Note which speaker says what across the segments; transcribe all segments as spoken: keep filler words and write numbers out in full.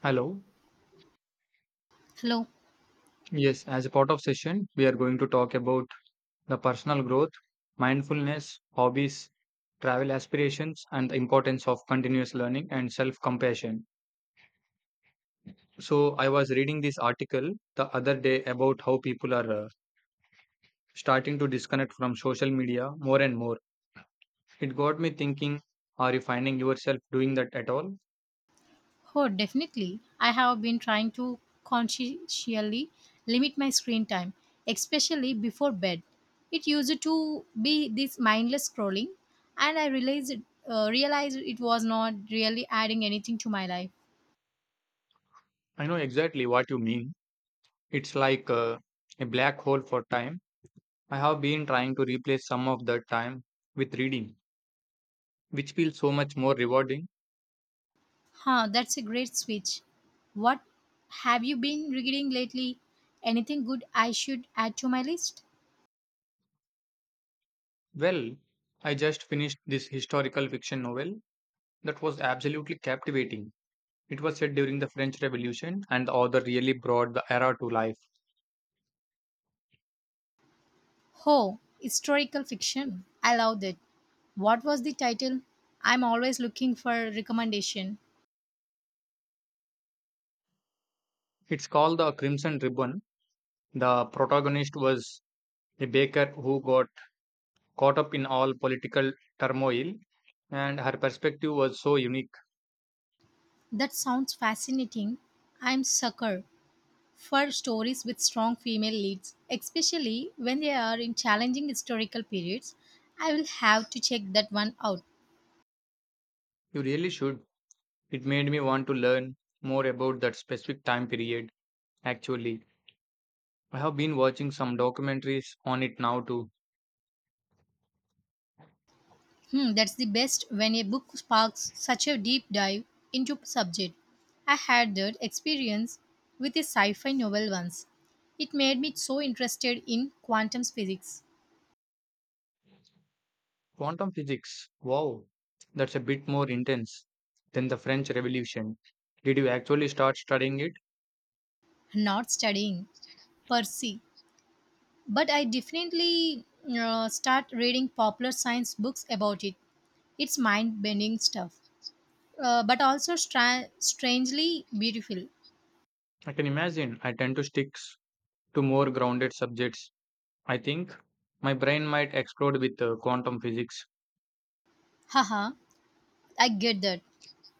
Speaker 1: Hello.
Speaker 2: Hello.
Speaker 1: Yes, as a part of session, we are going to talk about the personal growth, mindfulness, hobbies, travel aspirations, and the importance of continuous learning and self compassion. So, I was reading this article the other day about how people are uh, starting to disconnect from social media more and more. It got me thinking, are you finding yourself doing that at all?
Speaker 2: Oh, definitely. I have been trying to consciously limit my screen time, especially before bed. It used to be this mindless scrolling, and I realized uh, realized it was not really adding anything to my life.
Speaker 1: I know exactly what you mean. It's like uh, a black hole for time. I have been trying to replace some of that time with reading, which feels so much more rewarding.
Speaker 2: Huh, that's a great switch. What have you been reading lately? Anything good I should add to my list?
Speaker 1: Well, I just finished this historical fiction novel that was absolutely captivating. It was set during the French Revolution, and the author really brought the era to life.
Speaker 2: Oh, historical fiction. I loved it. What was the title? I'm always looking for recommendation.
Speaker 1: It's called The Crimson Ribbon. The protagonist was a baker who got caught up in all political turmoil, and her perspective was so unique.
Speaker 2: That sounds fascinating. I'm sucker for stories with strong female leads, especially when they are in challenging historical periods. I will have to check that one out.
Speaker 1: You really should. It made me want to learn more about that specific time period, actually. I have been watching some documentaries on it now too.
Speaker 2: Hmm, that's the best when a book sparks such a deep dive into subject. I had that experience with a sci-fi novel once. It made me so interested in quantum physics,
Speaker 1: Quantum physics. Wow, that's a bit more intense than the French Revolution. Did you actually start studying it?
Speaker 2: not studying per se, but I definitely uh, start reading popular science books about it. It's mind-bending stuff, uh, but also stra- strangely beautiful.
Speaker 1: I can imagine. I tend to stick s- to more grounded subjects. I think my brain might explode with uh, quantum physics.
Speaker 2: Haha, I get that.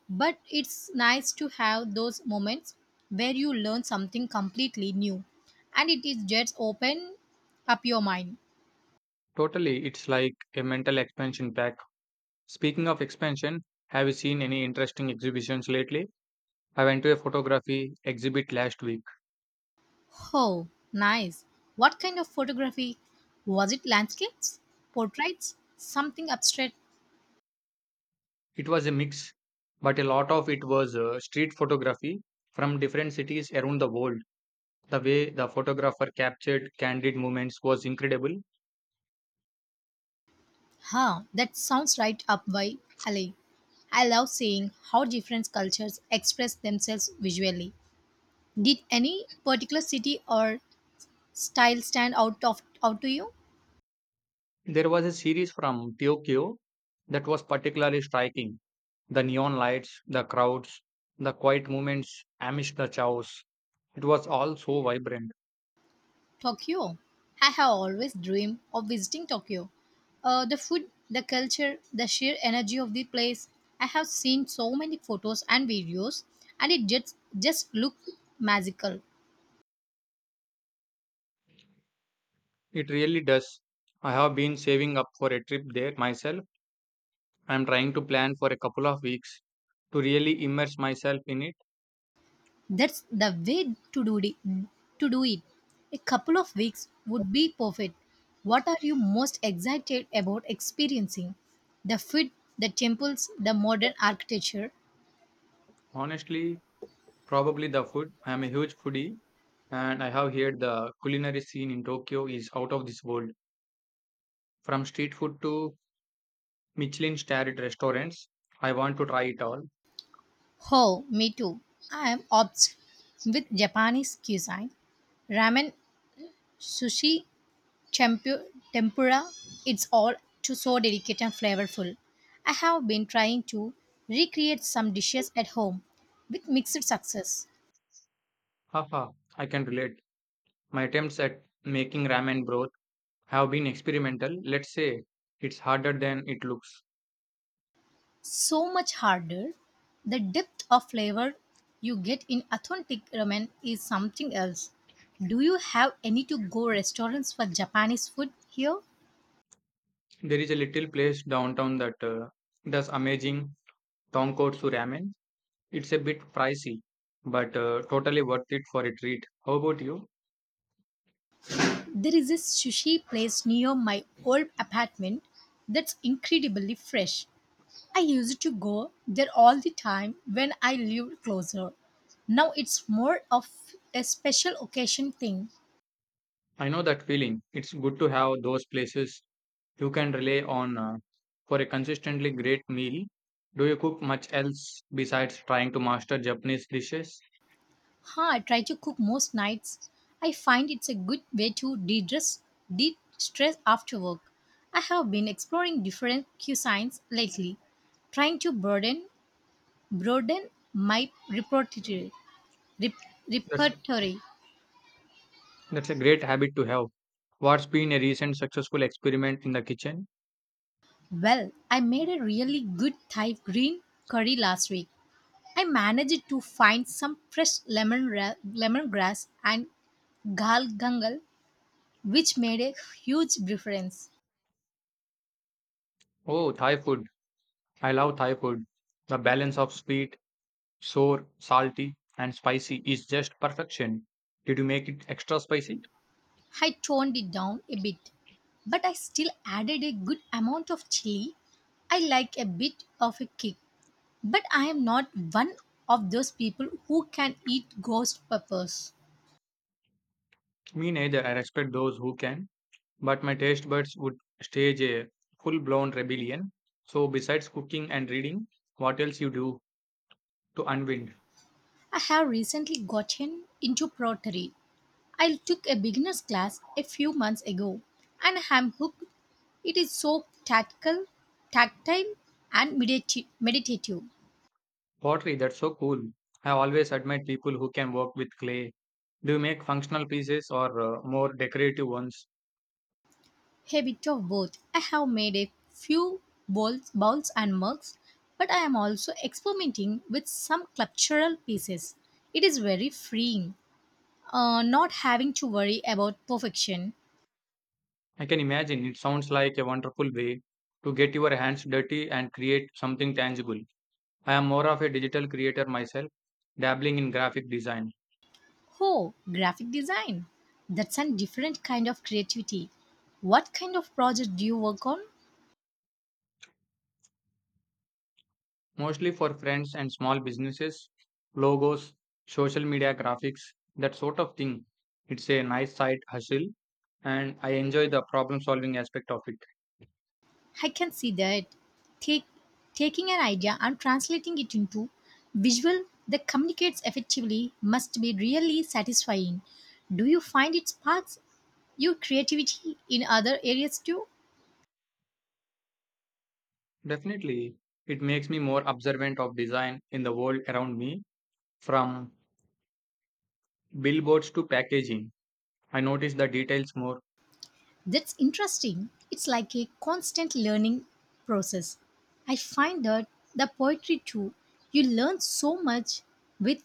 Speaker 2: But it's nice to have those moments where you learn something completely new and it is just open up your mind.
Speaker 1: Totally, it's like a mental expansion pack. Speaking of expansion, have you seen any interesting exhibitions lately? I went to a photography exhibit last week.
Speaker 2: Oh, nice. What kind of photography? Was it landscapes? Portraits? Something abstract?
Speaker 1: It was a mix, but a lot of it was uh, street photography from different cities around the world. The way the photographer captured candid moments was incredible.
Speaker 2: Huh, that sounds right up my alley. I love seeing how different cultures express themselves visually. Did any particular city or style stand out of out to you?
Speaker 1: There was a series from Tokyo that was particularly striking. The neon lights, the crowds, the quiet moments amidst the chaos. It was all so vibrant.
Speaker 2: Tokyo. I have always dreamed of visiting Tokyo. Uh, the food, the culture, the sheer energy of the place. I have seen so many photos and videos, and it just just looks magical.
Speaker 1: It really does. I have been saving up for a trip there myself. I am trying to plan for a couple of weeks to really immerse myself in it.
Speaker 2: That's the way to do it. To do it, a couple of weeks would be perfect. What are you most excited about experiencing? The food, the temples, the modern architecture.
Speaker 1: Honestly, probably the food. I am a huge foodie and I have heard the culinary scene in Tokyo is out of this world. From street food to Michelin starred restaurants, I want to try it all.
Speaker 2: Oh, me too. I am obsessed with Japanese cuisine. Ramen, sushi, tempu- tempura, it's all too so delicate and flavorful. I have been trying to recreate some dishes at home with mixed success.
Speaker 1: Haha, I can relate. My attempts at making ramen broth have been experimental. Let's say it's harder than it looks.
Speaker 2: So much harder. The depth of flavor you get in authentic ramen is something else. Do you have any to go restaurants for Japanese food here?
Speaker 1: There is a little place downtown that uh, does amazing tonkotsu ramen. It's a bit pricey, but uh, totally worth it for a treat. How about you?
Speaker 2: There is a sushi place near my old apartment that's incredibly fresh. I used to go there all the time when I lived closer. Now it's more of a special occasion thing.
Speaker 1: I know that feeling. It's good to have those places you can rely on, uh, for a consistently great meal. Do you cook much else besides trying to master Japanese dishes?
Speaker 2: Huh, I try to cook most nights. I find it's a good way to de-stress, de-stress after work. I have been exploring different cuisines lately, trying to broaden broaden my repertoire. rep-
Speaker 1: That's
Speaker 2: repertoire.
Speaker 1: that's a great habit to have. What's been a recent successful experiment in the kitchen?
Speaker 2: Well, I made a really good Thai green curry last week. I managed to find some fresh lemon ra- lemongrass and gal gangal, which made a huge difference.
Speaker 1: Oh, Thai food. I love Thai food. The balance of sweet, sour, salty, and spicy is just perfection. Did you make it extra spicy?
Speaker 2: I toned it down a bit, but I still added a good amount of chili. I like a bit of a kick, but I am not one of those people who can eat ghost peppers.
Speaker 1: Me neither. I respect those who can, but my taste buds would stage a full blown rebellion. So, besides cooking and reading, what else you do to unwind?
Speaker 2: I have recently gotten into pottery. I took a beginner's class a few months ago and am hooked. It is so tactical, tactile, and medita- meditative.
Speaker 1: Pottery, that's so cool. I always admire people who can work with clay. Do you make functional pieces or uh, more decorative ones?
Speaker 2: A bit of both. I have made a few bowls, bowls and mugs, but I am also experimenting with some sculptural pieces. It is very freeing, uh, not having to worry about perfection.
Speaker 1: I can imagine. It sounds like a wonderful way to get your hands dirty and create something tangible. I am more of a digital creator myself, dabbling in graphic design.
Speaker 2: Oh, graphic design. That's a different kind of creativity. What kind of project do you work on?
Speaker 1: Mostly for friends and small businesses, logos, social media graphics, that sort of thing. It's a nice side hustle and I enjoy the problem solving aspect of it.
Speaker 2: I can see that. Take, taking an idea and translating it into visual that communicates effectively must be really satisfying. Do you find it sparks your creativity in other areas too?
Speaker 1: Definitely, it makes me more observant of design in the world around me, from billboards to packaging. I notice the details more.
Speaker 2: That's interesting. It's like a constant learning process. I find that the poetry too, you learn so much with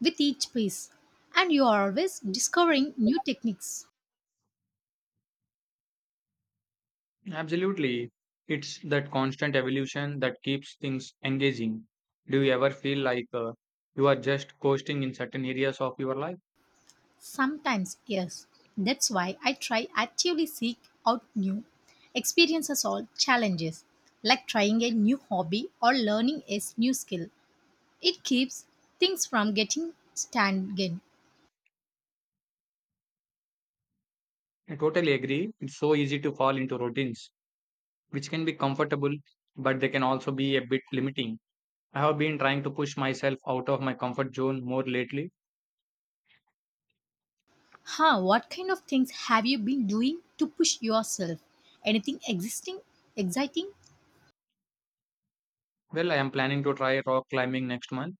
Speaker 2: with each piece and you are always discovering new techniques.
Speaker 1: Absolutely, it's that constant evolution that keeps things engaging. Do you ever feel like uh, you are just coasting in certain areas of your life?
Speaker 2: Sometimes, yes. That's why I try actively seek out new experiences or challenges, like trying a new hobby or learning a new skill. It keeps things from getting stagnant.
Speaker 1: I totally agree. It's so easy to fall into routines, which can be comfortable, but they can also be a bit limiting. I have been trying to push myself out of my comfort zone more lately.
Speaker 2: Huh, what kind of things have you been doing to push yourself? Anything existing exciting?
Speaker 1: Well, I am planning to try rock climbing next month.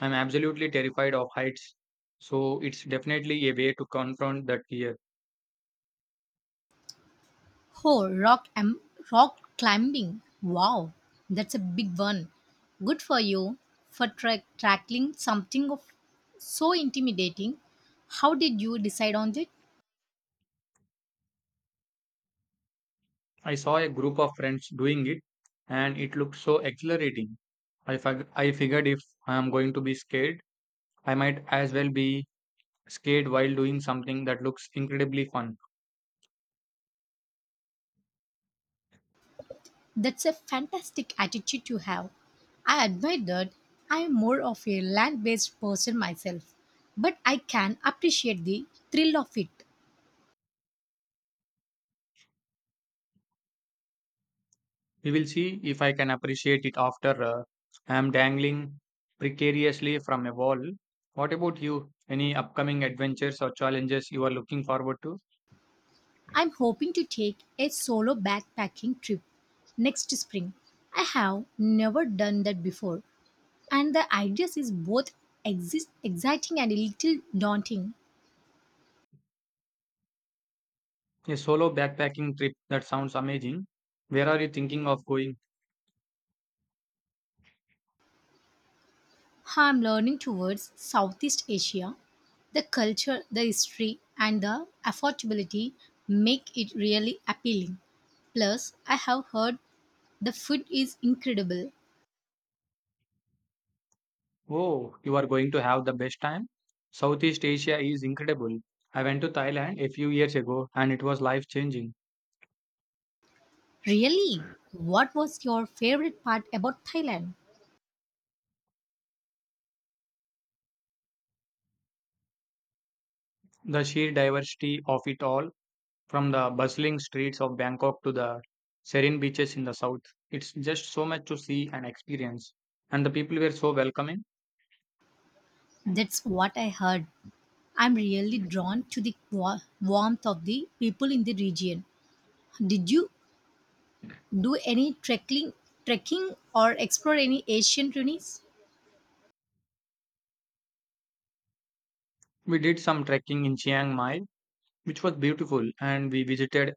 Speaker 1: I'm absolutely terrified of heights, so it's definitely a way to confront that fear.
Speaker 2: Oh, rock, am rock climbing. Wow, that's a big one. Good for you for tra- tackling something of so intimidating. How did you decide on it?
Speaker 1: I saw a group of friends doing it, and it looked so exhilarating. I, fig- I figured if I am going to be scared, I might as well be scared while doing something that looks incredibly fun.
Speaker 2: That's a fantastic attitude to have. I admire that. I am more of a land-based person myself, but I can appreciate the thrill of it.
Speaker 1: We will see if I can appreciate it after uh, I am dangling precariously from a wall. What about you? Any upcoming adventures or challenges you are looking forward to?
Speaker 2: I'm hoping to take a solo backpacking trip next spring. I have never done that before and the ideas is both exist, exciting and a little daunting.
Speaker 1: A solo backpacking trip, that sounds amazing. Where are you thinking of going?
Speaker 2: I'm learning towards Southeast Asia, the culture, the history, and the affordability make it really appealing. Plus, I have heard the food is incredible.
Speaker 1: Oh, you are going to have the best time. Southeast Asia is incredible. I went to Thailand a few years ago and it was life changing.
Speaker 2: Really? What was your favorite part about Thailand?
Speaker 1: The sheer diversity of it all. From the bustling streets of Bangkok to the serene beaches in the south, it's just so much to see and experience. And the people were so welcoming.
Speaker 2: That's what I heard. I'm really drawn to the wa- warmth of the people in the region. Did you do any trekking trekking or explore any ancient ruins?
Speaker 1: We did some trekking in Chiang Mai, which was beautiful, and we visited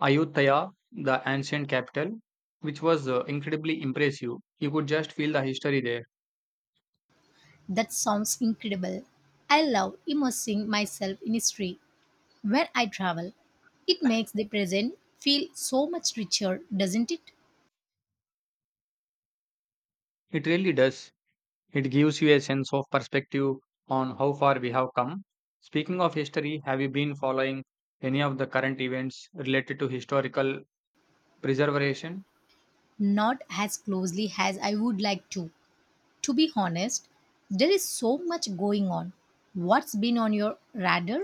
Speaker 1: Ayutthaya, the ancient capital, which was uh, incredibly impressive. You could just feel the history there.
Speaker 2: That sounds incredible. I love immersing myself in history when I travel. It makes the present feel so much richer, doesn't it?
Speaker 1: It really does. It gives you a sense of perspective on how far we have come. Speaking of history, have you been following any of the current events related to historical preservation?
Speaker 2: Not as closely as I would like to to be honest. There is so much going on. What's been on your radar?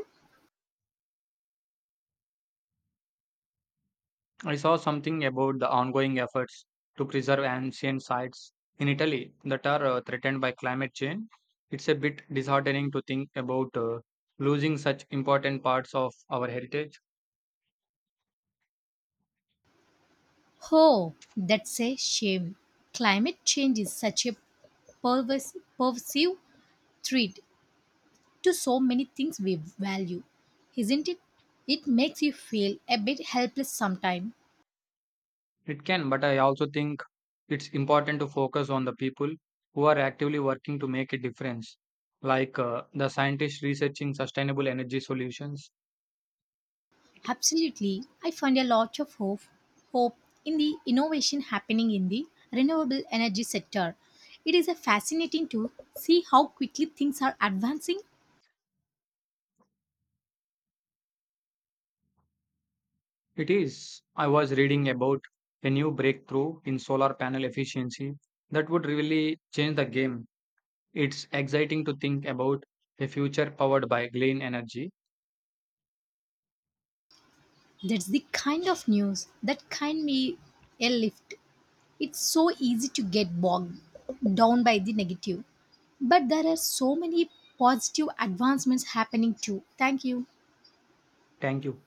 Speaker 1: I saw something about the ongoing efforts to preserve ancient sites in Italy that are uh, threatened by climate change. It's a bit disheartening to think about uh, losing such important parts of our heritage.
Speaker 2: Oh, that's a shame. Climate change is such a pervers- pervasive threat to so many things we value, isn't it? It makes you feel a bit helpless sometimes.
Speaker 1: It can, but I also think it's important to focus on the people who are actively working to make a difference, like uh, the scientists researching sustainable energy solutions.
Speaker 2: Absolutely, I find a lot of hope, hope in the innovation happening in the renewable energy sector. It is a fascinating to see how quickly things are advancing.
Speaker 1: It is. I was reading about a new breakthrough in solar panel efficiency that would really change the game. It's exciting to think about a future powered by clean energy.
Speaker 2: That's the kind of news that can be a lift. It's so easy to get bogged down by the negative, but there are so many positive advancements happening too. Thank you.
Speaker 1: Thank you.